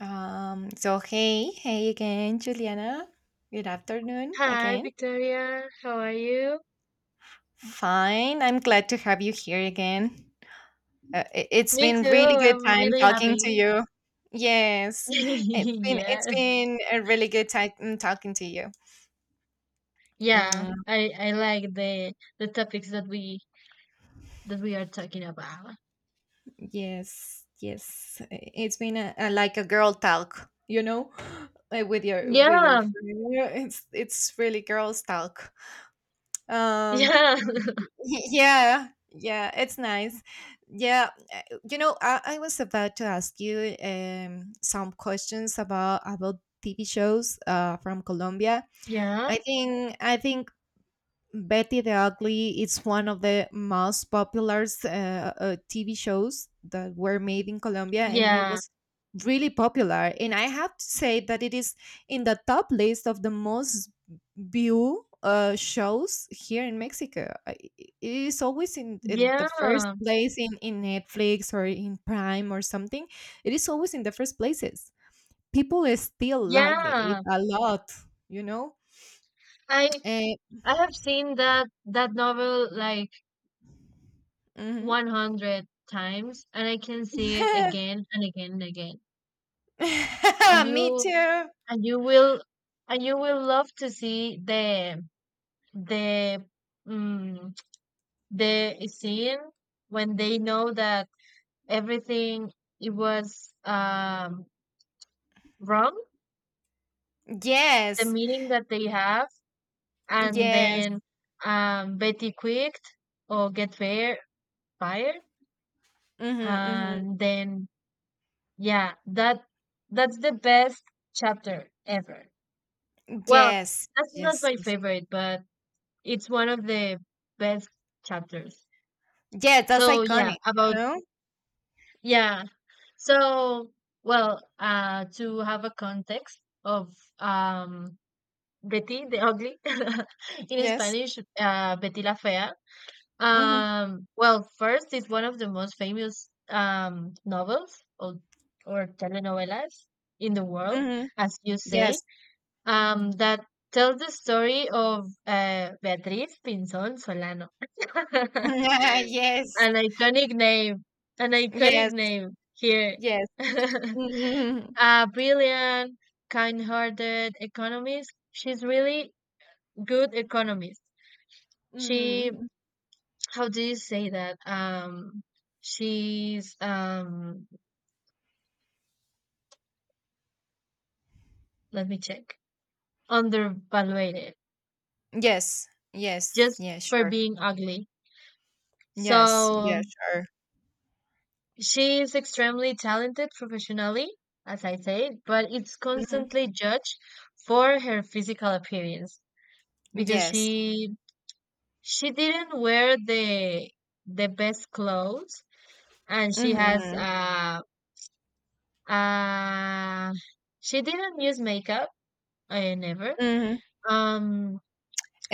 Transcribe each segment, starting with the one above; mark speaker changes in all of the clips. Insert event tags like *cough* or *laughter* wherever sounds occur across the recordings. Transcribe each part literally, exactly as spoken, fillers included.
Speaker 1: Um, so hey, hey again, Juliana. Good afternoon
Speaker 2: Hi,
Speaker 1: again.
Speaker 2: Victoria. How are you?
Speaker 1: Fine. I'm glad to have you here again. Uh, i- it's
Speaker 2: Me too.
Speaker 1: been really good
Speaker 2: I'm
Speaker 1: time
Speaker 2: really
Speaker 1: talking
Speaker 2: happy.
Speaker 1: to you. Yes, it's
Speaker 2: *laughs*
Speaker 1: been it's
Speaker 2: Yes.
Speaker 1: been a really good time talking to you.
Speaker 2: Yeah,
Speaker 1: Mm,
Speaker 2: I I like the the topics that we that we are talking about.
Speaker 1: yes, yes. I- It's been a, a, like a girl talk, you know, *gasps* uh, with your with your
Speaker 2: Yeah.
Speaker 1: friend. It's it's really girls talk. Um,
Speaker 2: Yeah. *laughs*
Speaker 1: *laughs* Yeah, yeah, it's nice. Yeah, uh, you know, I, I was about to ask you um, some questions about about T V shows uh, from Colombia.
Speaker 2: Yeah.
Speaker 1: I think I think Betty the Ugly is one of the most popular uh, uh, T V shows that were made in Colombia, and it
Speaker 2: Yeah.
Speaker 1: was really popular. And I have to say that it is in the top list of the most view uh, shows here in Mexico. I- It is always in, in the first
Speaker 2: Yeah.
Speaker 1: place in, in Netflix or in Prime or something. It is always in the first places. People still like it
Speaker 2: Yeah.
Speaker 1: a lot, you know?
Speaker 2: I
Speaker 1: Uh,
Speaker 2: I have seen that that novel like
Speaker 1: mhm.
Speaker 2: one hundred times, and I can see it
Speaker 1: *laughs*
Speaker 2: again and again and again. And
Speaker 1: *laughs* Me
Speaker 2: you
Speaker 1: too.
Speaker 2: and you will and you will love to see the the mm, the scene when they know that everything it was um, wrong, the
Speaker 1: Yes.
Speaker 2: meeting that they have, and
Speaker 1: Yes.
Speaker 2: then um, Betty quit or get fired, fired,
Speaker 1: Hmm, hmm.
Speaker 2: and then yeah, that that's the best chapter ever. Well,
Speaker 1: Yes.
Speaker 2: that's not
Speaker 1: Yes.
Speaker 2: my
Speaker 1: Yes.
Speaker 2: favorite, but it's one of the best chapters.
Speaker 1: Yeah, that's
Speaker 2: So yeah,
Speaker 1: iconic, you
Speaker 2: about
Speaker 1: know?
Speaker 2: Yeah. So, well, uh, to have a context of um, Betty the Ugly *laughs* in
Speaker 1: Yes.
Speaker 2: Spanish, uh, Betty la Fea.
Speaker 1: Hmm,
Speaker 2: Um, well, first, it's one of the most famous um, novels or, or telenovelas in the world,
Speaker 1: hmm.
Speaker 2: as you say
Speaker 1: Yes.
Speaker 2: um, that tells the story of uh, Beatriz Pinzon Solano. *laughs*
Speaker 1: *laughs* Yes.
Speaker 2: An iconic name, an iconic
Speaker 1: Yes.
Speaker 2: name here.
Speaker 1: Yes. Hmm,
Speaker 2: *laughs* A brilliant, kind-hearted economist. She's really good economist. She,
Speaker 1: hmm.
Speaker 2: how do you say that? Um, she's um, let me check. Undervaluated
Speaker 1: Yes. Yes.
Speaker 2: just
Speaker 1: Yeah,
Speaker 2: for
Speaker 1: sure.
Speaker 2: being ugly.
Speaker 1: Yes.
Speaker 2: So
Speaker 1: Yeah, sure.
Speaker 2: she is extremely talented professionally, as I said, but it's
Speaker 1: Hmm.
Speaker 2: constantly judged for her physical appearance because
Speaker 1: Yes.
Speaker 2: she she didn't wear the the best clothes, and she has
Speaker 1: Hmm,
Speaker 2: uh uh she didn't use makeup. I never
Speaker 1: hmm.
Speaker 2: um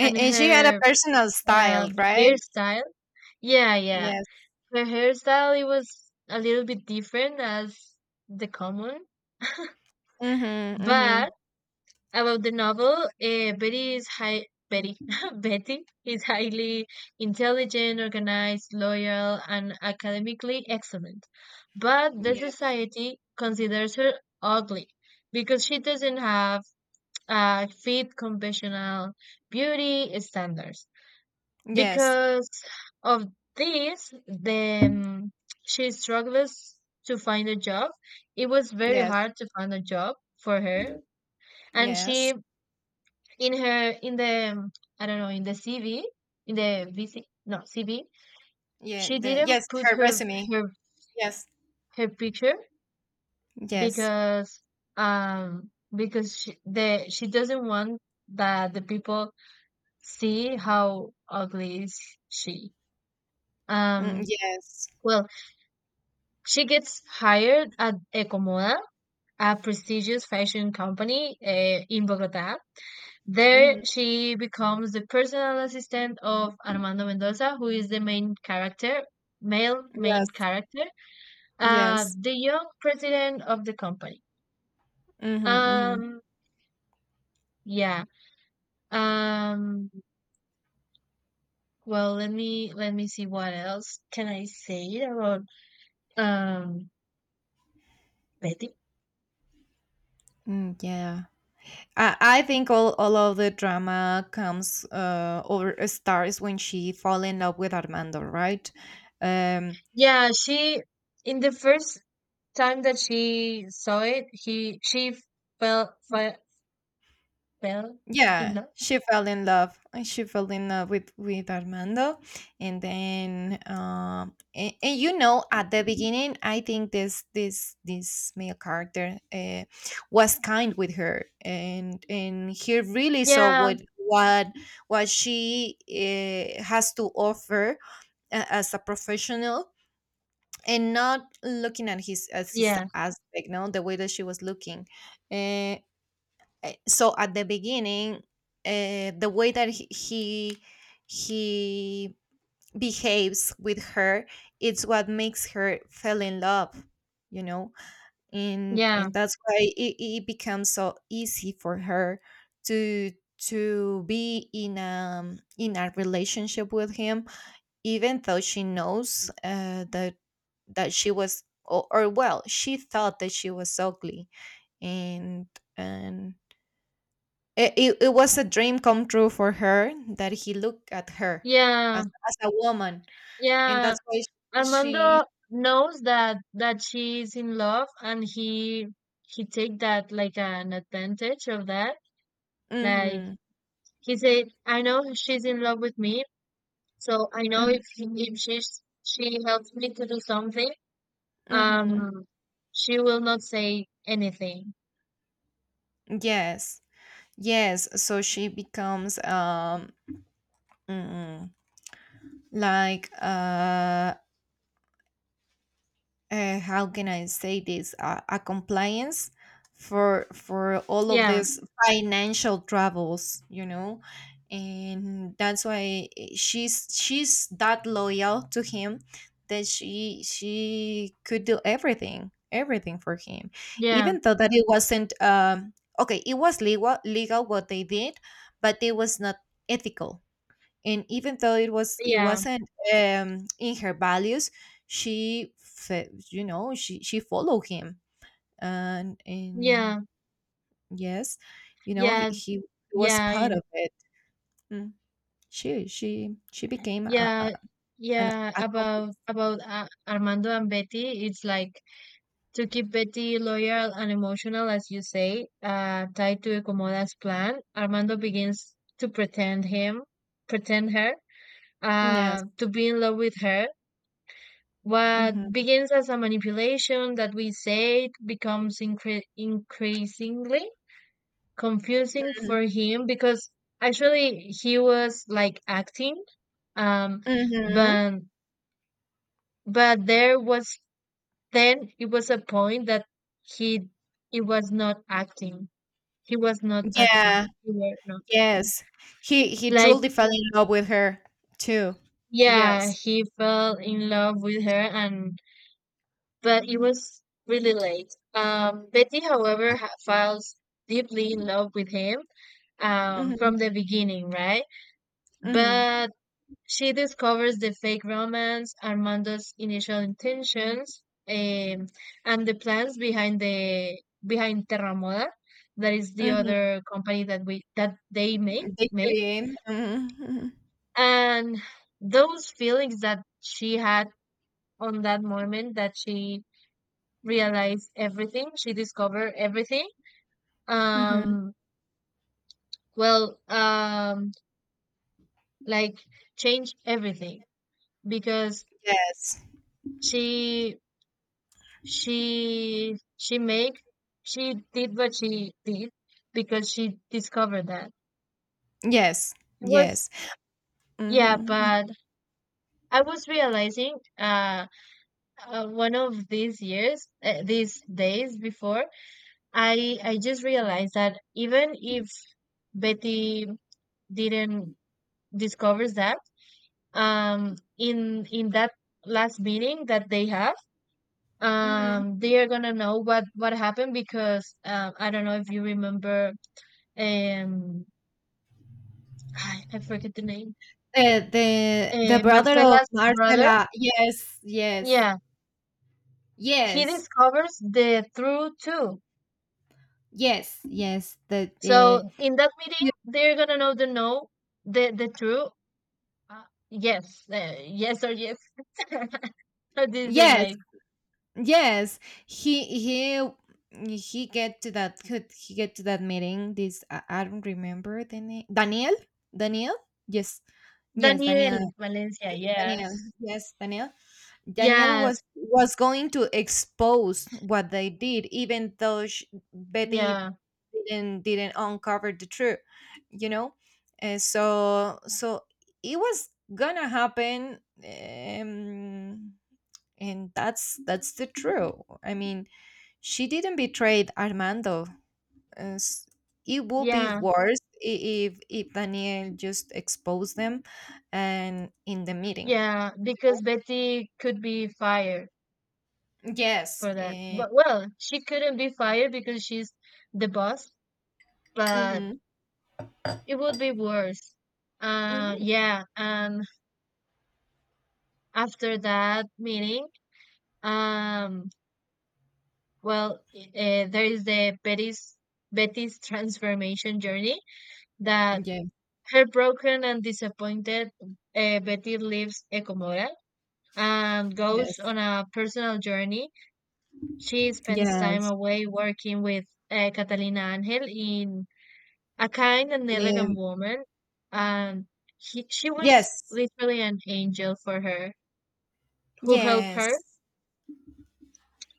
Speaker 2: and
Speaker 1: and she had a
Speaker 2: her
Speaker 1: personal
Speaker 2: um
Speaker 1: style, right?
Speaker 2: hairstyle, yeah yeah,
Speaker 1: Yes.
Speaker 2: her hairstyle it was a little bit different as the common.
Speaker 1: Hmm,
Speaker 2: But
Speaker 1: hmm.
Speaker 2: about the novel, uh, Betty is high. Betty, *laughs* Betty is highly intelligent, organized, loyal, and academically excellent. But the
Speaker 1: Yes.
Speaker 2: society considers her ugly because she doesn't have uh, fit conventional beauty standards.
Speaker 1: Yes.
Speaker 2: Because of this, the, um, she struggles to find a job. It was very
Speaker 1: Yes.
Speaker 2: hard to find a job for her, and
Speaker 1: Yes.
Speaker 2: she in her in the um, I don't know, in the C V, in the V C, no, C V,
Speaker 1: Yeah,
Speaker 2: she
Speaker 1: the,
Speaker 2: didn't
Speaker 1: yes,
Speaker 2: put
Speaker 1: her
Speaker 2: her
Speaker 1: resume.
Speaker 2: her
Speaker 1: Yes.
Speaker 2: her picture
Speaker 1: Yes.
Speaker 2: because um because she, the she doesn't want that the people see how ugly is she.
Speaker 1: Mm,
Speaker 2: um
Speaker 1: yes.
Speaker 2: well, she gets hired at Ecomoda, a prestigious fashion company uh, in Bogota. There,
Speaker 1: Mhm.
Speaker 2: she becomes the personal assistant of Armando Mendoza, who is the main character, male main
Speaker 1: Yes.
Speaker 2: character, uh,
Speaker 1: Yes.
Speaker 2: the young president of the company.
Speaker 1: Mm-hmm, mm-hmm.
Speaker 2: Um, yeah. Um, well, let me let me see what else can I say about um Betty.
Speaker 1: Mm, yeah. I, I think all, all of the drama comes uh, or starts when she fall in love with Armando, right? Um,
Speaker 2: Yeah, she in the first time that she saw it, he she fell fell felt in
Speaker 1: Yeah,
Speaker 2: love.
Speaker 1: she fell in love. And she fell in love with with Armando, and then um, and, and you know, at the beginning, I think this this this male character, uh, was kind with her, and and he really saw
Speaker 2: Yeah,
Speaker 1: what what what she, uh, has to offer a- as a professional, and not looking at his as his
Speaker 2: yeah,
Speaker 1: aspect, no, the way that she was looking. Uh, uh, so at the beginning, uh, the way that he, he he behaves with her, it's what makes her fell in love, you know, and
Speaker 2: yeah,
Speaker 1: and that's why it, it becomes so easy for her to to be in a in a relationship with him, even though she knows, uh, that that she was, or, or, well, she thought that she was ugly. and and it, it, it was a dream come true for her that he looked at her
Speaker 2: yeah.
Speaker 1: as, as a woman. And
Speaker 2: Yeah,
Speaker 1: that's why sh- she.
Speaker 2: Armando knows that that she's in love, and he he take that like an advantage of that. Like
Speaker 1: Hmm,
Speaker 2: he said, I know she's in love with me, so I know if he- if she's she helps me to do something,
Speaker 1: hmm.
Speaker 2: um, she will not say anything.
Speaker 1: Yes, yes, so she becomes, um mm, like, uh uh, how can I say this? Uh, a compliance for for all of
Speaker 2: Yeah,
Speaker 1: these financial troubles, you know, and that's why, eh, she's she's that loyal to him, that she she could do everything everything for him,
Speaker 2: yeah,
Speaker 1: even though that it wasn't, um okay, it was legal legal what they did, but it was not ethical. And even though it was it
Speaker 2: yeah,
Speaker 1: wasn't, um, in her values, she fe- you know, she she followed him. and and
Speaker 2: yeah,
Speaker 1: yes, you know, he,
Speaker 2: yeah,
Speaker 1: he was
Speaker 2: yeah,
Speaker 1: part
Speaker 2: in-
Speaker 1: of it. Mm. she she she became a,
Speaker 2: yeah,
Speaker 1: a, an
Speaker 2: yeah.
Speaker 1: accomplice.
Speaker 2: About about uh, Armando and Betty, it's like. To keep Betty loyal and emotional, as you say, uh, tied to Komoda's plan, Armando begins to pretend him, pretend her,
Speaker 1: Yes.
Speaker 2: uh, to be in love with her. What
Speaker 1: Hmm,
Speaker 2: begins as a manipulation that we say becomes incre- increasingly confusing for him because actually he was like acting, um,
Speaker 1: hmm.
Speaker 2: but but there was then it was a point that he it was not acting. He was not acting.
Speaker 1: Yeah,
Speaker 2: He were not acting.
Speaker 1: yes, he he
Speaker 2: Like,
Speaker 1: truly fell in love with her too.
Speaker 2: yeah,
Speaker 1: Yes.
Speaker 2: he fell in love with her, and but it was really late. Um, Betty, however, ha- falls deeply in love with him um,
Speaker 1: Hmm,
Speaker 2: from the beginning, right?
Speaker 1: hmm.
Speaker 2: But she discovers the fake romance, Armando's initial intentions, um, and the plans behind the behind Terra Moda, that is the
Speaker 1: Hmm.
Speaker 2: other company that we that they make
Speaker 1: They
Speaker 2: made.
Speaker 1: came. Hmm.
Speaker 2: And those feelings that she had on that moment that she realized everything, she discovered everything.
Speaker 1: Hmm.
Speaker 2: um well um like changed everything because
Speaker 1: Yes.
Speaker 2: she she she make she did what she did because she discovered that
Speaker 1: Yes,
Speaker 2: it was.
Speaker 1: yes.
Speaker 2: Yeah,
Speaker 1: Hmm.
Speaker 2: but I was realizing uh, uh one of these years uh, these days before, I I just realized that even if Betty didn't discover that, um, in in that last meeting that they have,
Speaker 1: Mhm.
Speaker 2: um, they are gonna know what what happened because um, I don't know if you remember, um, I, I forget the name,
Speaker 1: Uh, the the
Speaker 2: uh,
Speaker 1: brother of
Speaker 2: Marcela's brother.
Speaker 1: Marcela. Yes, yes,
Speaker 2: Yeah, he
Speaker 1: yes,
Speaker 2: discovers the truth too.
Speaker 1: yes, yes. The
Speaker 2: So
Speaker 1: uh,
Speaker 2: in that meeting,
Speaker 1: he-
Speaker 2: they're gonna know the no, the the truth. Uh, yes, uh, yes or yes. *laughs* How do you say
Speaker 1: yes,
Speaker 2: like
Speaker 1: yes. He he he get to that. Could he get to that meeting? This, I, I don't remember the name. Daniel. Daniel. Yes. Yes, Daniel.
Speaker 2: Daniel Valencia? Yes,
Speaker 1: Daniel. Yes, Daniel. Daniel was
Speaker 2: yes,
Speaker 1: was going to expose what they did, even though sh Betty
Speaker 2: yeah,
Speaker 1: didn't didn't uncover the truth, you know. And so so it was gonna happen, um, and that's that's the truth. I mean, she didn't betray Armando. and s- It would be
Speaker 2: yeah,
Speaker 1: worse i- if if Daniel just exposed them, and in the meeting.
Speaker 2: yeah. Because Betty could be fired
Speaker 1: Yes.
Speaker 2: for that.
Speaker 1: Uh.
Speaker 2: But well, she couldn't be fired because she's the boss. But
Speaker 1: Mhm.
Speaker 2: it would be worse. Uh,
Speaker 1: Mhm.
Speaker 2: yeah. And after that meeting, um, well, uh, there is the Betty's Betty's transformation journey that
Speaker 1: Yeah,
Speaker 2: heartbroken and disappointed, uh, Betty leaves Ecomodal and goes
Speaker 1: yes,
Speaker 2: on a personal journey. She spends time
Speaker 1: yes,
Speaker 2: away working with uh, Catalina Angel in a kind and
Speaker 1: yeah,
Speaker 2: elegant woman, and he, she was
Speaker 1: yes,
Speaker 2: literally an angel for her, who helped her
Speaker 1: yes.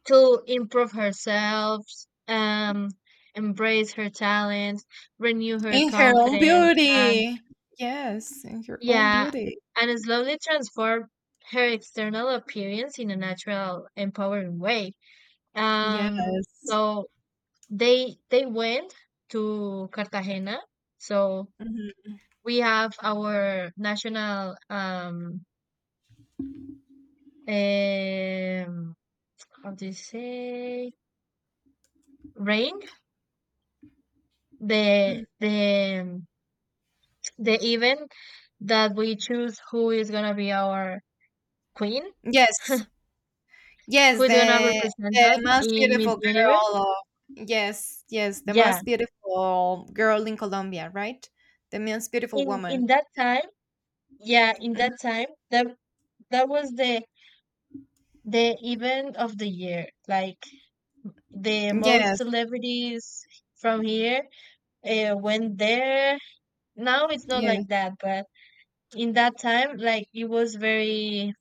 Speaker 2: to improve herself, um, embrace her talents, renew her
Speaker 1: In her own
Speaker 2: confidence, and
Speaker 1: beauty. Yes, in her own
Speaker 2: yeah,
Speaker 1: beauty.
Speaker 2: and slowly transform her external appearance in a natural, empowering way.
Speaker 1: Yes.
Speaker 2: Um, so they they went to Cartagena. So
Speaker 1: Mhm,
Speaker 2: we have our national um um how do you say ring the
Speaker 1: mm.
Speaker 2: the the event that we choose who is gonna be our queen,
Speaker 1: Yes,
Speaker 2: who
Speaker 1: yes,
Speaker 2: is gonna
Speaker 1: the
Speaker 2: represent us
Speaker 1: the most
Speaker 2: in Miss
Speaker 1: beautiful girl
Speaker 2: Universe.
Speaker 1: of, yes, yes, the
Speaker 2: Yeah,
Speaker 1: most beautiful girl in Colombia, right? The most beautiful
Speaker 2: in in
Speaker 1: woman.
Speaker 2: that time yeah in
Speaker 1: Mhm.
Speaker 2: that time that that was the the event of the year like the most
Speaker 1: Yes,
Speaker 2: celebrities from here uh, went there, now it's not
Speaker 1: yeah,
Speaker 2: like that, but in that time like it was very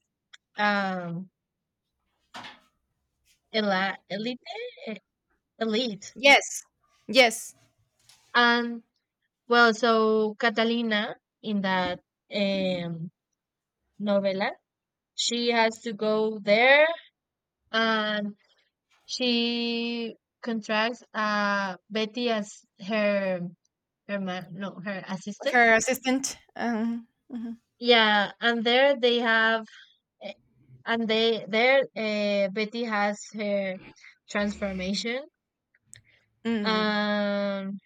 Speaker 2: um ela- elite eh, elite.
Speaker 1: yes, yes.
Speaker 2: And well, so Catalina in that um novella she has to go there, and she contracts uh Betty as her her ma- no her assistant.
Speaker 1: Her assistant. Um, mhm.
Speaker 2: Yeah, and there they have eh, and they there uh, Betty has her transformation.
Speaker 1: Mm.
Speaker 2: Um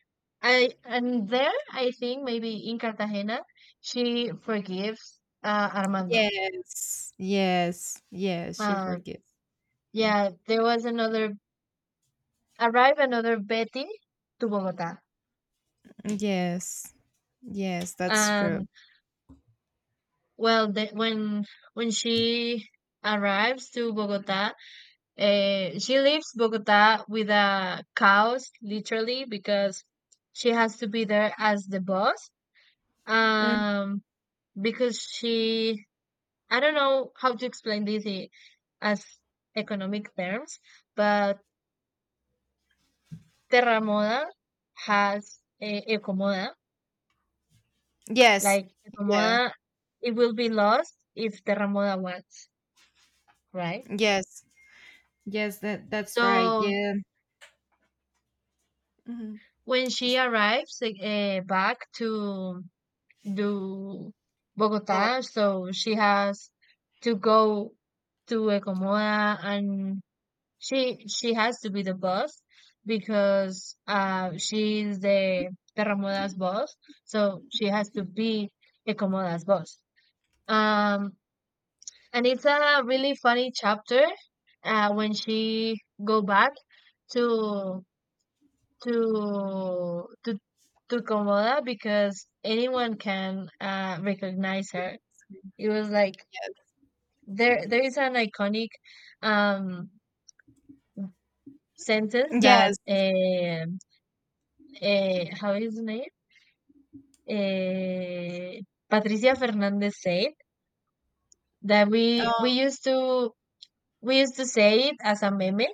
Speaker 2: I and there I think maybe in Cartagena she forgives uh, Armando.
Speaker 1: Yes, yes, yes, she
Speaker 2: Uh,
Speaker 1: forgives him.
Speaker 2: yeah, there was another arrive another Betty to Bogota.
Speaker 1: Yes, yes, that's
Speaker 2: And.
Speaker 1: true.
Speaker 2: Well, the, when when she arrives to Bogota, uh, she leaves Bogota with a chaos, literally, because she has to be there as the boss.
Speaker 1: Mm,
Speaker 2: Um, because she, I don't know how to explain this i- as economic terms, but Terramoda has uh, Ecomoda.
Speaker 1: yes,
Speaker 2: Like
Speaker 1: yeah,
Speaker 2: Ecomoda, it will be lost if Terramoda Moda wants, right?
Speaker 1: yes, yes, that that's right.
Speaker 2: So
Speaker 1: Yeah, hmm,
Speaker 2: when she arrives uh, back to do
Speaker 1: but
Speaker 2: Bogota, so she has to go to Ecomoda, and she she has to be the boss because uh she is the Terramoda's boss, so she has to be Ecomoda's boss. Um, and it's a really funny chapter uh, when she go back to to to to Komoda because anyone can uh, recognize her. It was like
Speaker 1: yes,
Speaker 2: there there is an iconic um, sentence that
Speaker 1: yes,
Speaker 2: uh, uh, how is the name? Uh, Patricia Fernandez said that we
Speaker 1: uh,
Speaker 2: we used to we used to say it as a meme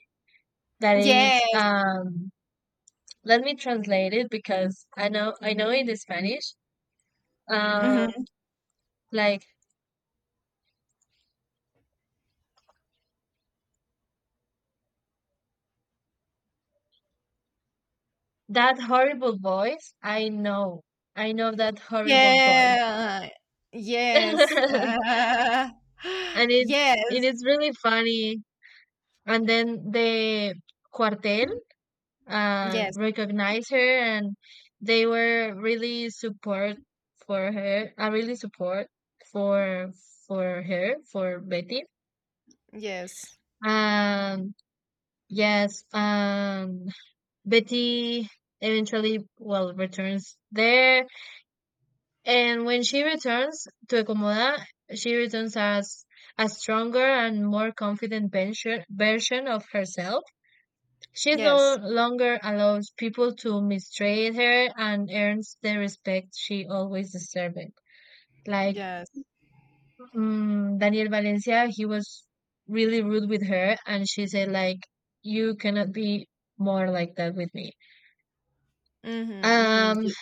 Speaker 2: that it's
Speaker 1: yes,
Speaker 2: um let me translate it because I know I know it is Spanish. Um
Speaker 1: mhm,
Speaker 2: like that horrible voice, I know. I know that horrible voice.
Speaker 1: yeah, yes,
Speaker 2: *laughs*
Speaker 1: uh, *gasps*
Speaker 2: And
Speaker 1: *sighs*
Speaker 2: it it
Speaker 1: yes,
Speaker 2: is really funny. And then the cuartel uh
Speaker 1: yes,
Speaker 2: recognized her, and they were really support for her. I really support for for her, for Betty.
Speaker 1: yes,
Speaker 2: Um yes, um Betty eventually well returns there. And when she returns to Ecomoda, she returns as a stronger and more confident version version of herself. She no
Speaker 1: yes,
Speaker 2: longer allows people to mistreat her and earns the respect she always deserved. Like
Speaker 1: yes,
Speaker 2: mm, Daniel Valencia, he was really rude with her, and she said like, "You cannot be more like that with me."
Speaker 1: mm-hmm,
Speaker 2: Um,
Speaker 1: mm-hmm,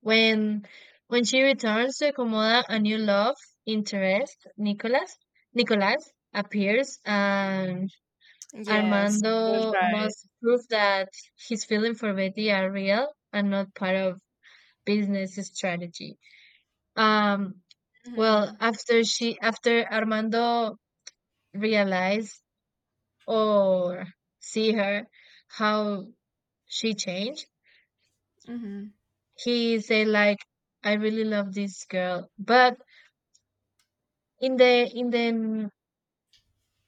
Speaker 2: When when she returns to Komoda, a new love interest, Nicholas, Nicholas appears, and
Speaker 1: yes, that's
Speaker 2: Armando
Speaker 1: right.
Speaker 2: must prove that his feelings for Betty are real and not part of business strategy. Um,
Speaker 1: Mm-hmm,
Speaker 2: well, after she after Armando realize or see her how she changed,
Speaker 1: mm-hmm,
Speaker 2: he say like, "I really love this girl, but." In the in the n-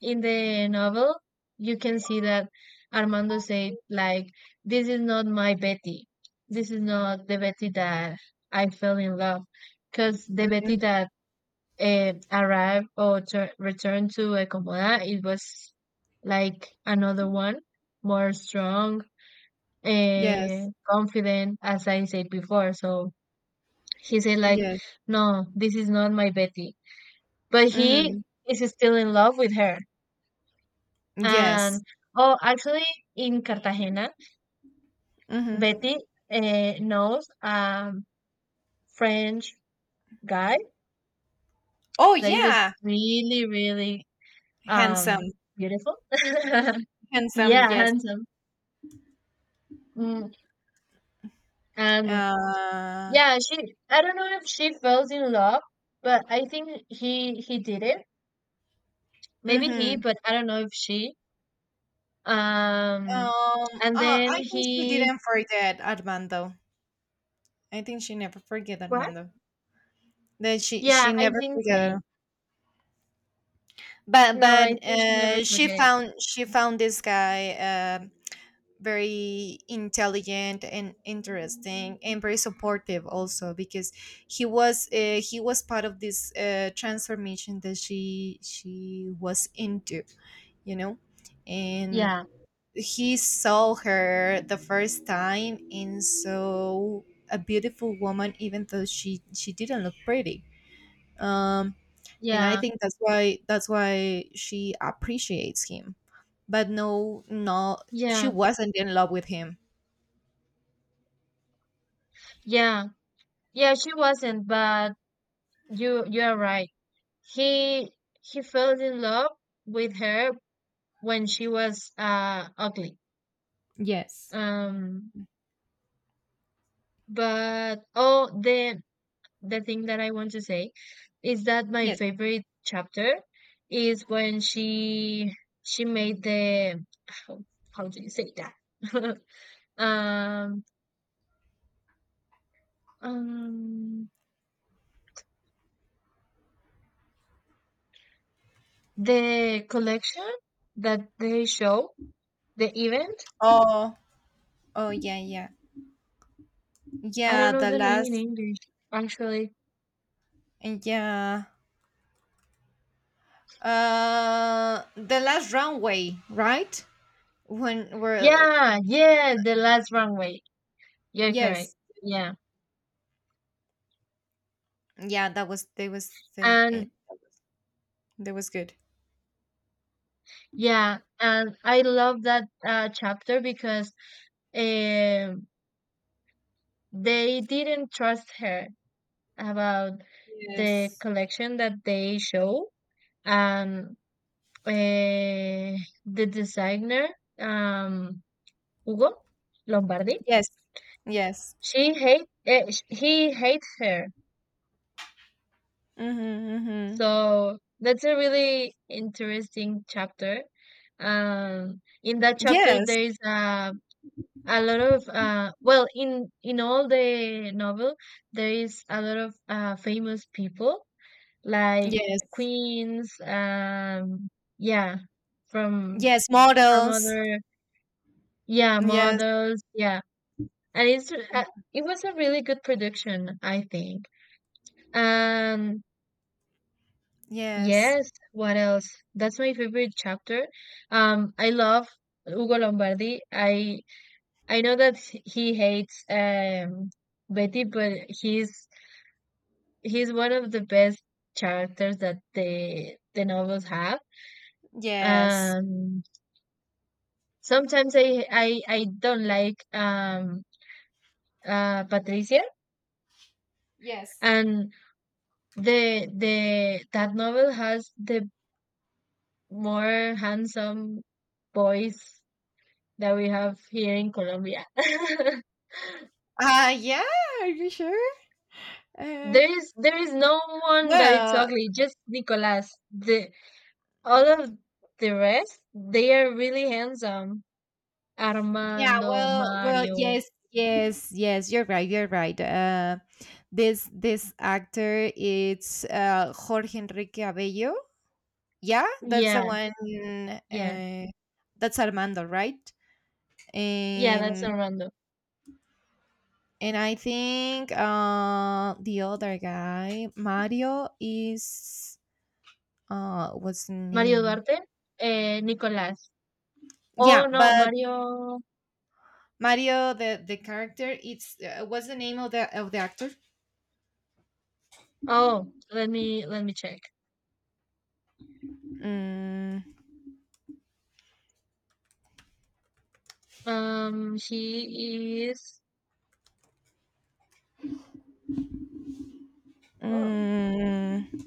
Speaker 2: in the novel you can see that Armando said like this is not my Betty, this is not the Betty that I fell in love, because the
Speaker 1: mm-hmm,
Speaker 2: Betty that uh, arrived or tur returned to Ecomoda it was like another one, more strong
Speaker 1: yes.
Speaker 2: and confident, as I said before. So he said like
Speaker 1: Yes.
Speaker 2: no this is not my Betty, but he
Speaker 1: Mhm.
Speaker 2: is still in love with her. And
Speaker 1: Yes.
Speaker 2: oh, actually, in Cartagena,
Speaker 1: Mhm.
Speaker 2: Betty uh, knows a French guy
Speaker 1: Oh
Speaker 2: that he was
Speaker 1: yeah,
Speaker 2: really, really
Speaker 1: handsome,
Speaker 2: um beautiful. *laughs*
Speaker 1: handsome.
Speaker 2: Yeah,
Speaker 1: Yes.
Speaker 2: handsome. Mm. And
Speaker 1: Uh.
Speaker 2: yeah, she. I don't know if she fell in love, but I think he he did it. Maybe he,
Speaker 1: Mhm.
Speaker 2: but I don't know if she. Um,
Speaker 1: Um.
Speaker 2: and
Speaker 1: Uh,
Speaker 2: then
Speaker 1: I think she
Speaker 2: he
Speaker 1: didn't forget Armando. I think she never forget
Speaker 2: what?
Speaker 1: Armando. That she
Speaker 2: Yeah,
Speaker 1: she
Speaker 2: I
Speaker 1: never
Speaker 2: think
Speaker 1: forget
Speaker 2: same.
Speaker 1: him. But
Speaker 2: No, I
Speaker 1: but
Speaker 2: think she never
Speaker 1: uh, she
Speaker 2: forget it.
Speaker 1: found she found this guy. Um. Very intelligent and interesting and very supportive also because he was uh, he was part of this, uh, transformation that she she was into, you know. And
Speaker 2: Yeah,
Speaker 1: he saw her the first time and so a beautiful woman, even though she she didn't look pretty, um and I
Speaker 2: yeah.
Speaker 1: think that's why, that's why she appreciates him. But no, no she
Speaker 2: Yeah,
Speaker 1: wasn't in love with him.
Speaker 2: yeah, yeah, she wasn't, but you you are right. He he fell in love with her when she was uh ugly.
Speaker 1: Yes.
Speaker 2: Um, but oh, the the thing that I want to say is that my
Speaker 1: Yes.
Speaker 2: favorite chapter is when she she made the how, how do you say that? *laughs* Um, um, the collection that they show the event.
Speaker 1: Oh, oh yeah, yeah,
Speaker 2: I don't
Speaker 1: yeah.
Speaker 2: know
Speaker 1: The
Speaker 2: the name in
Speaker 1: last,
Speaker 2: English, actually.
Speaker 1: yeah, uh, the last runway, right? When we're
Speaker 2: Yeah, yeah, The Last Runway. You're correct.
Speaker 1: yes,
Speaker 2: Yeah.
Speaker 1: yeah, that was they was they it,
Speaker 2: And
Speaker 1: that was good.
Speaker 2: yeah, and I love that uh, chapter because um they didn't trust her about the
Speaker 1: Yes.
Speaker 2: collection that they show. And uh, the designer, um, Hugo Lombardi,
Speaker 1: Yes, yes,
Speaker 2: she hate, uh, he hates her.
Speaker 1: mm-hmm, mm-hmm.
Speaker 2: So that's a really interesting chapter. Um, in that chapter,
Speaker 1: Yes,
Speaker 2: there is a a lot of uh, well, in in all the novel, there is a lot of uh, famous people like
Speaker 1: yes,
Speaker 2: queens. Um, yeah, from
Speaker 1: yes.
Speaker 2: from
Speaker 1: Models,
Speaker 2: other yeah
Speaker 1: yes,
Speaker 2: models. Yeah, and it's uh, it was a really good production, I think. Um,
Speaker 1: yes,
Speaker 2: Yes, what else? That's my favorite chapter. Um, I love Ugo Lombardi. I I know that h- he hates um Betty, but he's he's one of the best characters that the the novels have.
Speaker 1: yes.
Speaker 2: Um, sometimes I I I don't like um uh Patricia,
Speaker 1: Yes.
Speaker 2: and the the that novel has the more handsome boys that we have here in Colombia. *laughs*
Speaker 1: Uh, yeah. Are you sure? Uh,
Speaker 2: there is there is no one that it's
Speaker 1: well.
Speaker 2: ugly, just Nicolas. The all of the rest, they are really handsome.
Speaker 1: Yeah,
Speaker 2: Armando,
Speaker 1: well, well,
Speaker 2: Mario.
Speaker 1: yes, yes, yes. You're right. You're right. Uh, this this actor, it's, uh, Jorge Enrique Abello. Yeah, that's the
Speaker 2: Yeah,
Speaker 1: one.
Speaker 2: yeah.
Speaker 1: Uh, that's Armando, right?
Speaker 2: Yeah, that's
Speaker 1: And
Speaker 2: Armando.
Speaker 1: and I think, uh, the other guy, Mario, is, uh, what's the
Speaker 2: Mario
Speaker 1: name?
Speaker 2: Duarte, eh, Nicolas. Oh
Speaker 1: Yeah,
Speaker 2: no,
Speaker 1: but
Speaker 2: Mario.
Speaker 1: Mario, the the character, it's, uh, what's the name of the of the actor?
Speaker 2: Oh, let me let me check.
Speaker 1: Mm.
Speaker 2: Um, he is. Oh,
Speaker 1: Mm,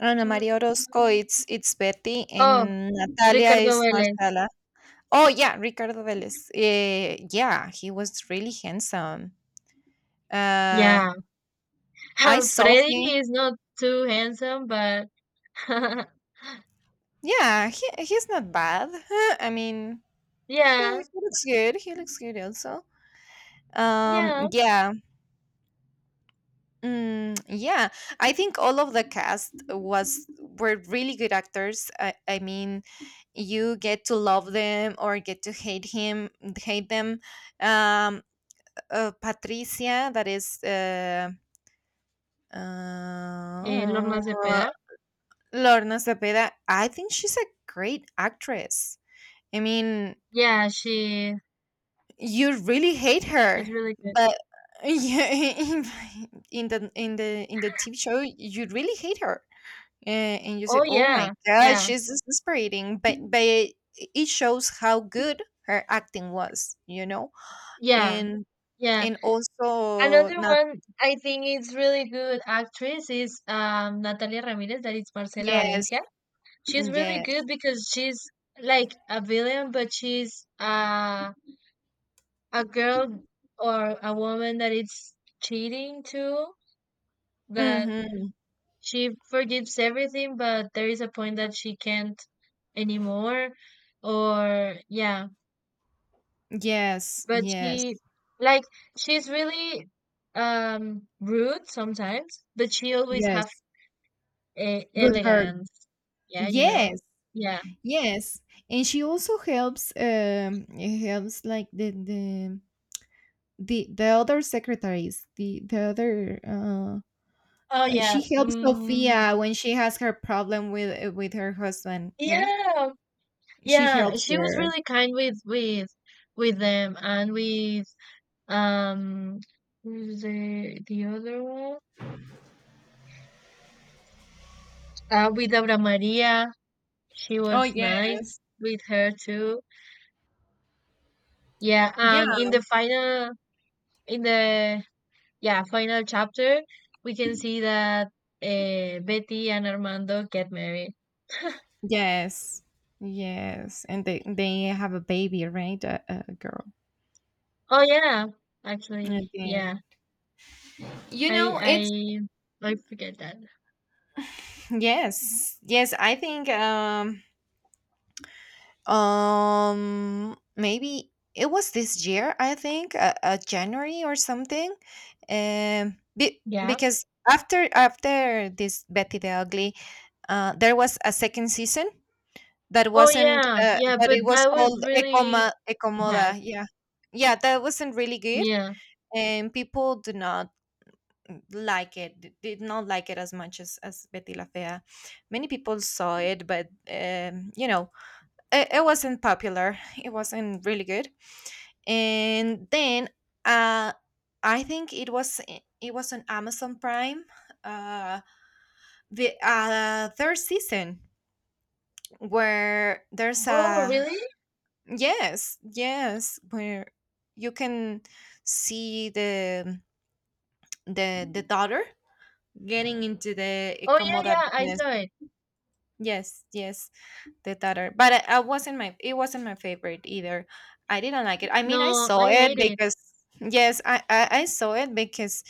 Speaker 1: Ana
Speaker 2: Mm,
Speaker 1: María
Speaker 2: mm,
Speaker 1: Orozco,
Speaker 2: mm.
Speaker 1: it's it's Betty,
Speaker 2: oh,
Speaker 1: and Natalia
Speaker 2: Ricardo
Speaker 1: is
Speaker 2: Vélez.
Speaker 1: Marcela. Oh yeah, Ricardo Vélez. Eh, yeah, he was really handsome. Uh,
Speaker 2: Yeah,
Speaker 1: I
Speaker 2: *laughs*
Speaker 1: saw
Speaker 2: Freddy
Speaker 1: him.
Speaker 2: is not too handsome, but *laughs*
Speaker 1: Yeah, he, he's not bad. *laughs* I mean, he,
Speaker 2: yeah,
Speaker 1: he looks good. He looks good also. Um,
Speaker 2: yeah.
Speaker 1: yeah. Mm, yeah, I think all of the cast was were really good actors. I, I mean, you get to love them or get to hate him, hate them. Um, uh, Patricia, that is, uh,
Speaker 2: Eh, Lord
Speaker 1: uh,
Speaker 2: Más de Peda.
Speaker 1: Lorna Cepeda. I think she's a great actress. I mean,
Speaker 2: Yeah, she
Speaker 1: you really hate
Speaker 2: she's
Speaker 1: her,
Speaker 2: really good.
Speaker 1: but *laughs* yeah, in in the in the in the T V show, you really hate her and, and you say,
Speaker 2: Oh
Speaker 1: oh my
Speaker 2: yeah,
Speaker 1: god,
Speaker 2: yeah,
Speaker 1: she's exasperating, but but it, it shows how good her acting was, you know.
Speaker 2: yeah,
Speaker 1: and
Speaker 2: yeah.
Speaker 1: and also
Speaker 2: Another
Speaker 1: not,
Speaker 2: one I think is really good actress is um Natalia Ramirez, that is Marcela
Speaker 1: yes,
Speaker 2: Valencia. She's really good
Speaker 1: yes,
Speaker 2: because she's like a villain, but she's uh a girl or a woman that is cheating too. That
Speaker 1: hmm,
Speaker 2: she forgives everything, but there is a point that she can't anymore. Or yeah,
Speaker 1: yes,
Speaker 2: but
Speaker 1: yes,
Speaker 2: she like she's really um rude sometimes, but she always have
Speaker 1: yes,
Speaker 2: e-
Speaker 1: good heart,
Speaker 2: elegance. Yeah, you know.
Speaker 1: yes,
Speaker 2: Yeah.
Speaker 1: yes. And she also helps, um, helps like the the the, the other secretaries, the the other, uh.
Speaker 2: Oh
Speaker 1: Uh,
Speaker 2: yeah.
Speaker 1: she helps
Speaker 2: Um.
Speaker 1: Sophia when she has her problem with with her husband, right?
Speaker 2: Yeah.
Speaker 1: She
Speaker 2: Yeah.
Speaker 1: helps
Speaker 2: She was
Speaker 1: her.
Speaker 2: really kind with with with them and with um who's the the other one? Uh, with Aura Maria. She
Speaker 1: Oh
Speaker 2: was nice
Speaker 1: yes.
Speaker 2: with her too. Yeah,
Speaker 1: Yeah.
Speaker 2: and in the final, in the yeah final chapter, we can see that uh, Betty and Armando get married.
Speaker 1: Yes. Yes, and they they have a baby, right? A, a girl.
Speaker 2: Oh yeah,
Speaker 1: And
Speaker 2: actually,
Speaker 1: then,
Speaker 2: yeah.
Speaker 1: you
Speaker 2: I
Speaker 1: know, it's,
Speaker 2: I I forget that.
Speaker 1: yes, yes, I think, um, um, maybe it was this year, I think, uh, uh, January or something. Um, be,
Speaker 2: Yeah.
Speaker 1: because after after this Betty the Ugly, uh, there was a second season that
Speaker 2: Oh
Speaker 1: wasn't,
Speaker 2: yeah,
Speaker 1: uh,
Speaker 2: yeah.
Speaker 1: that
Speaker 2: But
Speaker 1: it was
Speaker 2: that
Speaker 1: called
Speaker 2: was really
Speaker 1: Ecoma
Speaker 2: bad.
Speaker 1: Ecomoda. Yeah, yeah, that wasn't really good,
Speaker 2: Yeah.
Speaker 1: and people did not like it. D- Did not like it as much as as Betty La Fea. Many people saw it, but um, you know, it, it wasn't popular. It wasn't really good. And then, uh, I think it was, it was on Amazon Prime. Uh, the, uh, third season where there's
Speaker 2: Oh
Speaker 1: a
Speaker 2: really?
Speaker 1: yes, yes, where you can see the the the daughter getting into the
Speaker 2: Oh yeah,
Speaker 1: Ikamoda
Speaker 2: yeah. I
Speaker 1: business,
Speaker 2: saw it.
Speaker 1: yes, yes, the Tatar. But I, I wasn't my it wasn't my favorite either. I didn't like it. I mean, I
Speaker 2: No,
Speaker 1: saw
Speaker 2: I
Speaker 1: it
Speaker 2: hate it.
Speaker 1: because, yes, I, I, I saw it because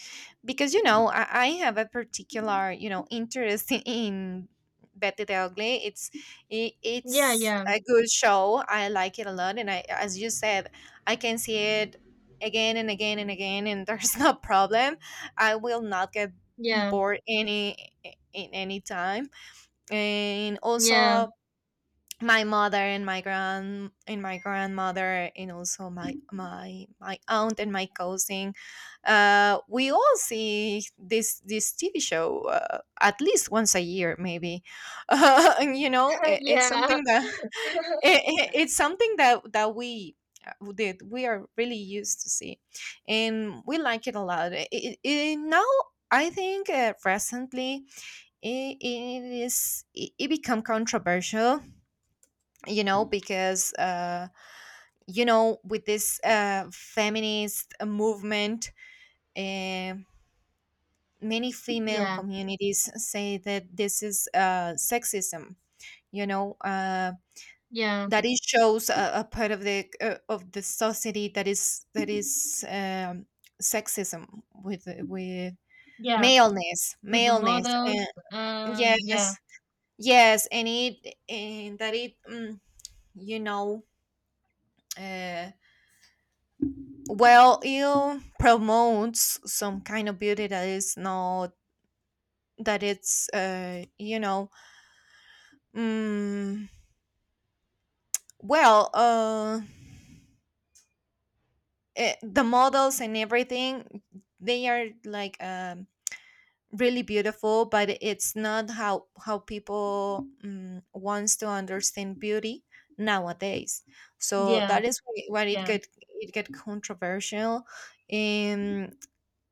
Speaker 1: because you know, I, I have a particular, you know, interest in. in Betty the Ugly. It's it,
Speaker 2: Yeah,
Speaker 1: it's
Speaker 2: yeah,
Speaker 1: a good show. I like it a lot, and I, as you said, I can see it again and again and again, and *laughs* there's no problem. I will not get
Speaker 2: yeah,
Speaker 1: bored any in any time, and
Speaker 2: yeah,
Speaker 1: also my mother and my grand and my grandmother, and also my my my aunt and my cousin, uh, we all see this this TV show, uh, at least once a year maybe. *laughs* And, you know
Speaker 2: *laughs*
Speaker 1: it, it's
Speaker 2: yeah,
Speaker 1: something that *laughs* it, it- it's something that that we, uh, that we are really used to see, and we like it a lot. I i i- now I think, uh, recently it, it is it, it become controversial, you know, because uh you know, with this uh feminist uh, movement, uh, many female
Speaker 2: yeah,
Speaker 1: communities say that this is uh sexism, you know. Uh
Speaker 2: yeah.
Speaker 1: that it shows a, a part of the uh, of the society that is that is um sexism, with with
Speaker 2: yeah.
Speaker 1: maleness
Speaker 2: With the
Speaker 1: maleness uh,
Speaker 2: models and
Speaker 1: yes
Speaker 2: yeah,
Speaker 1: yes. And it and that it, mm, you know, uh well, it promotes some kind of beauty that is not, that it's uh you know, mm, well, uh eh, the models and everything, they are like um really beautiful, but it's not how how people, um, wants to understand beauty nowadays. So
Speaker 2: yeah,
Speaker 1: that is wh- why it
Speaker 2: yeah,
Speaker 1: get it get controversial.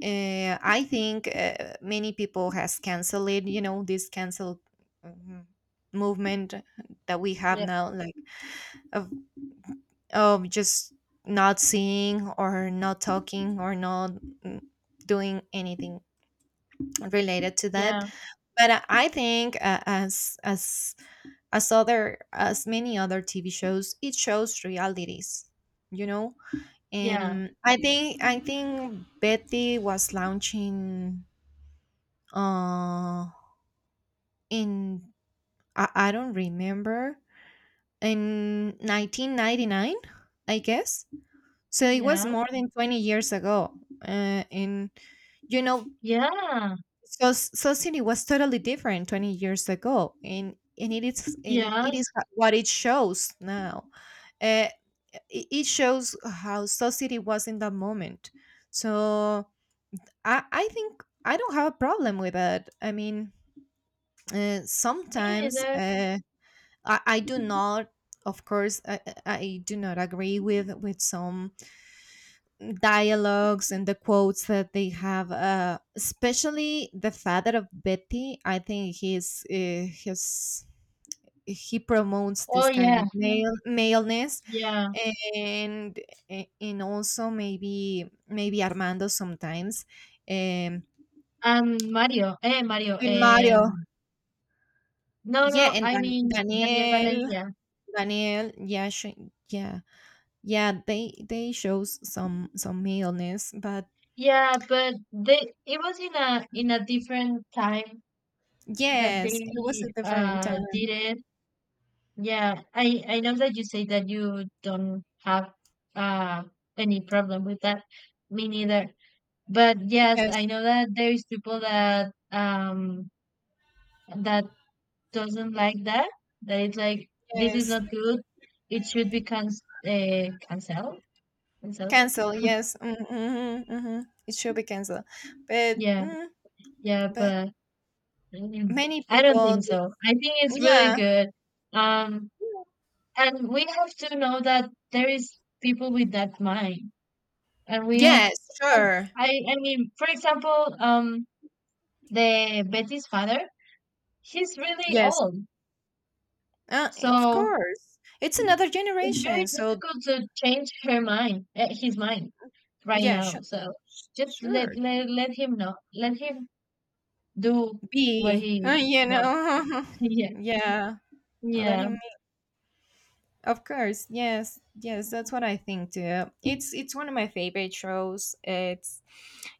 Speaker 1: uh, I think, uh, many people has canceled it. You know, this cancel, um, movement that we have
Speaker 2: yeah,
Speaker 1: now, like, of of just not seeing or not talking or not, mm, doing anything related to that.
Speaker 2: yeah,
Speaker 1: But I I think, uh, as as as other as many other T V shows, it shows realities. You know,
Speaker 2: yeah,
Speaker 1: and I think I think Betty was launching uh in, I, I don't remember, in nineteen ninety-nine I guess. So it was
Speaker 2: yeah,
Speaker 1: more than twenty years ago, uh, and you know,
Speaker 2: yeah,
Speaker 1: so society was totally different twenty years ago, and and it is and it is
Speaker 2: yes,
Speaker 1: what it shows now. uh, it it shows how society was in that moment. So i i think I don't have a problem with that. I mean, uh,
Speaker 2: me
Speaker 1: sometimes,
Speaker 2: neither.
Speaker 1: uh, I, I do not, of course, I, I I do not agree with with some dialogues and the quotes that they have, uh, especially the father of Betty. I think he's, uh, his he promotes
Speaker 2: Oh
Speaker 1: this kind
Speaker 2: yeah,
Speaker 1: of male maleness.
Speaker 2: yeah,
Speaker 1: and and also, maybe maybe Armando sometimes, um,
Speaker 2: and Mario, eh, Mario,
Speaker 1: and Mario,
Speaker 2: um, no,
Speaker 1: yeah,
Speaker 2: no,
Speaker 1: and
Speaker 2: I
Speaker 1: Dan-
Speaker 2: mean Daniel
Speaker 1: Daniel,
Speaker 2: Valencia.
Speaker 1: Daniel, yeah, she, yeah. Yeah, they they shows some some illness, but
Speaker 2: Yeah, but they it was in a in a different time that
Speaker 1: yes, it was
Speaker 2: they
Speaker 1: a different
Speaker 2: uh
Speaker 1: time.
Speaker 2: did it. Yeah, I I know that you say that you don't have uh any problem with that. Me neither. But yes, I
Speaker 1: Yes,
Speaker 2: know that there is people that um that doesn't like that. That it's like this is
Speaker 1: yes,
Speaker 2: not good. It should be can uh, canceled. Canceled.
Speaker 1: cancel. Yes, mm-hmm, mm-hmm. It should be canceled. But
Speaker 2: Yeah,
Speaker 1: mm,
Speaker 2: yeah,
Speaker 1: but
Speaker 2: but mm,
Speaker 1: many
Speaker 2: I don't
Speaker 1: people,
Speaker 2: think
Speaker 1: do-,
Speaker 2: so. I think it's really
Speaker 1: yeah,
Speaker 2: good. Um, and we have to know that there is people with that mind, and we have.
Speaker 1: yes,
Speaker 2: And
Speaker 1: sure,
Speaker 2: I I mean, for example, um, the Betty's father, he's really
Speaker 1: yes,
Speaker 2: old,
Speaker 1: uh, of
Speaker 2: so.
Speaker 1: course. It's another
Speaker 2: It's very
Speaker 1: generation. So
Speaker 2: difficult to change her mind, uh, his mind right
Speaker 1: yeah,
Speaker 2: now.
Speaker 1: sure,
Speaker 2: So just let
Speaker 1: sure.
Speaker 2: let let him know. Let him do what
Speaker 1: Be, *laughs*
Speaker 2: he
Speaker 1: you
Speaker 2: wants.
Speaker 1: know,
Speaker 2: *laughs*
Speaker 1: *laughs*
Speaker 2: Yeah,
Speaker 1: yeah. Let
Speaker 2: yeah,
Speaker 1: him. Of course, yes, yes, that's what I think too. It's it's one of my favorite shows. It's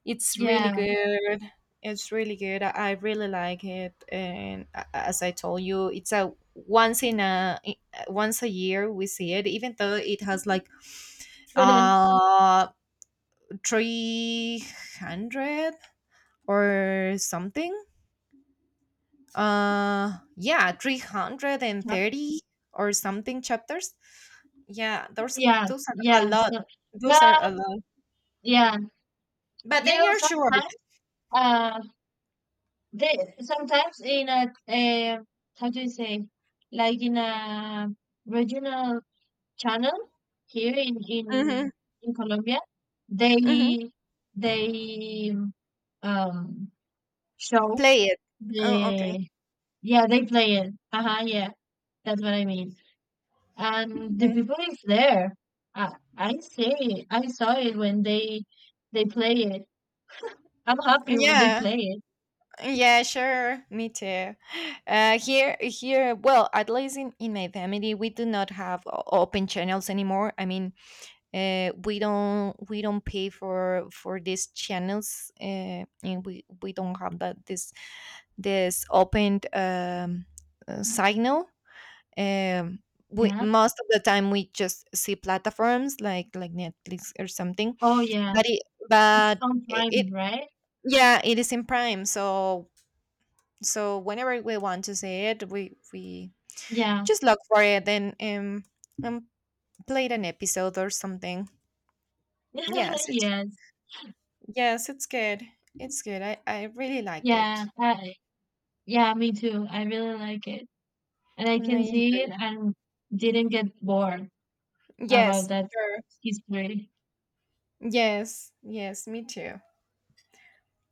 Speaker 1: it's really
Speaker 2: yeah,
Speaker 1: good. It's really good. I, I really like it, and a- as I told you, it's a once in a i- once a year we see it. Even though it has like,
Speaker 2: *laughs*
Speaker 1: uh three hundred or something. Uh, yeah, three hundred and
Speaker 2: Yep.
Speaker 1: thirty or something chapters. Yeah, those
Speaker 2: Yeah,
Speaker 1: those are a
Speaker 2: yeah.
Speaker 1: lot.
Speaker 2: So, but
Speaker 1: Those are a lot,
Speaker 2: yeah,
Speaker 1: but
Speaker 2: you know,
Speaker 1: they are short.
Speaker 2: sometimes uh, they sometimes in a uh, how do you say, like in a regional channel here in
Speaker 1: Mm-hmm.
Speaker 2: in in Colombia,
Speaker 1: Mm-hmm.
Speaker 2: they they um show
Speaker 1: Play it. Oh, okay.
Speaker 2: the yeah they play it. Uh-huh, yeah, that's what I mean. And the
Speaker 1: Mm.
Speaker 2: people is there. I I see it. I saw it when they they play it. I'm happy when they
Speaker 1: Yeah,
Speaker 2: play it.
Speaker 1: yeah, sure. Me too. Uh, here, here. Well, at least in, in my family, we do not have o- open channels anymore. I mean, uh, we don't we don't pay for for these channels, uh, and we we don't have that, this this opened, um, uh, signal. Um, we
Speaker 2: Yeah.
Speaker 1: most of the time we just see platforms like like Netflix or something,
Speaker 2: Oh yeah.
Speaker 1: but it
Speaker 2: It's
Speaker 1: but
Speaker 2: on
Speaker 1: it, it,
Speaker 2: Prime, right?
Speaker 1: yeah, it is in Prime. So so whenever we want to see it, we we
Speaker 2: Yeah.
Speaker 1: just look for it, and um and played an episode or something.
Speaker 2: *laughs*
Speaker 1: Yes, it's
Speaker 2: Yes.
Speaker 1: yes, it's good. It's good. I I really liked
Speaker 2: Yeah.
Speaker 1: it.
Speaker 2: I, yeah. Me too. I really like it. And I
Speaker 1: And I
Speaker 2: can see it
Speaker 1: enjoyed
Speaker 2: and didn't get bored
Speaker 1: it.
Speaker 2: about
Speaker 1: Yes,
Speaker 2: that
Speaker 1: sure.
Speaker 2: history.
Speaker 1: Yes, yes, me too.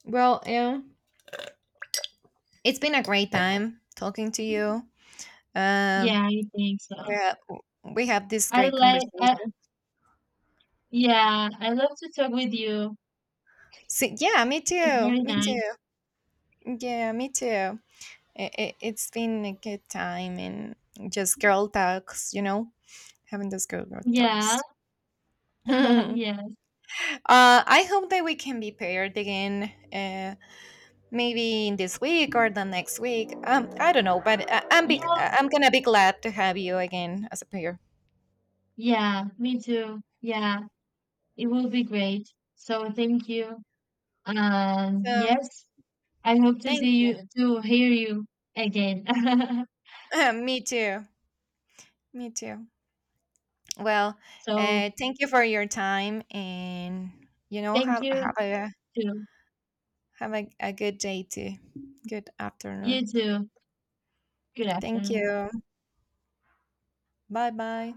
Speaker 1: Well, um, it's been a great time talking to you. Um,
Speaker 2: Yeah, I think so.
Speaker 1: yeah, we have this
Speaker 2: I
Speaker 1: great
Speaker 2: like, uh,
Speaker 1: conversation.
Speaker 2: yeah, I love to talk with you.
Speaker 1: So, yeah, me
Speaker 2: It's
Speaker 1: too.
Speaker 2: very
Speaker 1: Me
Speaker 2: nice.
Speaker 1: too. Yeah, me too. It, it, it's been a good time, and just girl talks, you know, having those girl, girl
Speaker 2: Yeah,
Speaker 1: talks. *laughs*
Speaker 2: *laughs*
Speaker 1: uh,
Speaker 2: yes,
Speaker 1: I hope that we can be paired again, uh, maybe in this week or the next week. Um, I don't know, but I, I'm be,
Speaker 2: yeah,
Speaker 1: I'm gonna be glad to have you again as a pair.
Speaker 2: yeah, me too. Yeah, it will be great. So thank you. Um.
Speaker 1: So
Speaker 2: yes, I hope to
Speaker 1: thank
Speaker 2: see
Speaker 1: you.
Speaker 2: you, to hear you again. *laughs*
Speaker 1: *laughs* Me too. Me too. Well,
Speaker 2: So
Speaker 1: uh, thank you for your time, and you know,
Speaker 2: thank
Speaker 1: have
Speaker 2: you
Speaker 1: have a,
Speaker 2: too.
Speaker 1: have a, a good day too. Good afternoon.
Speaker 2: You too. Good
Speaker 1: Thank
Speaker 2: afternoon.
Speaker 1: you. Bye bye.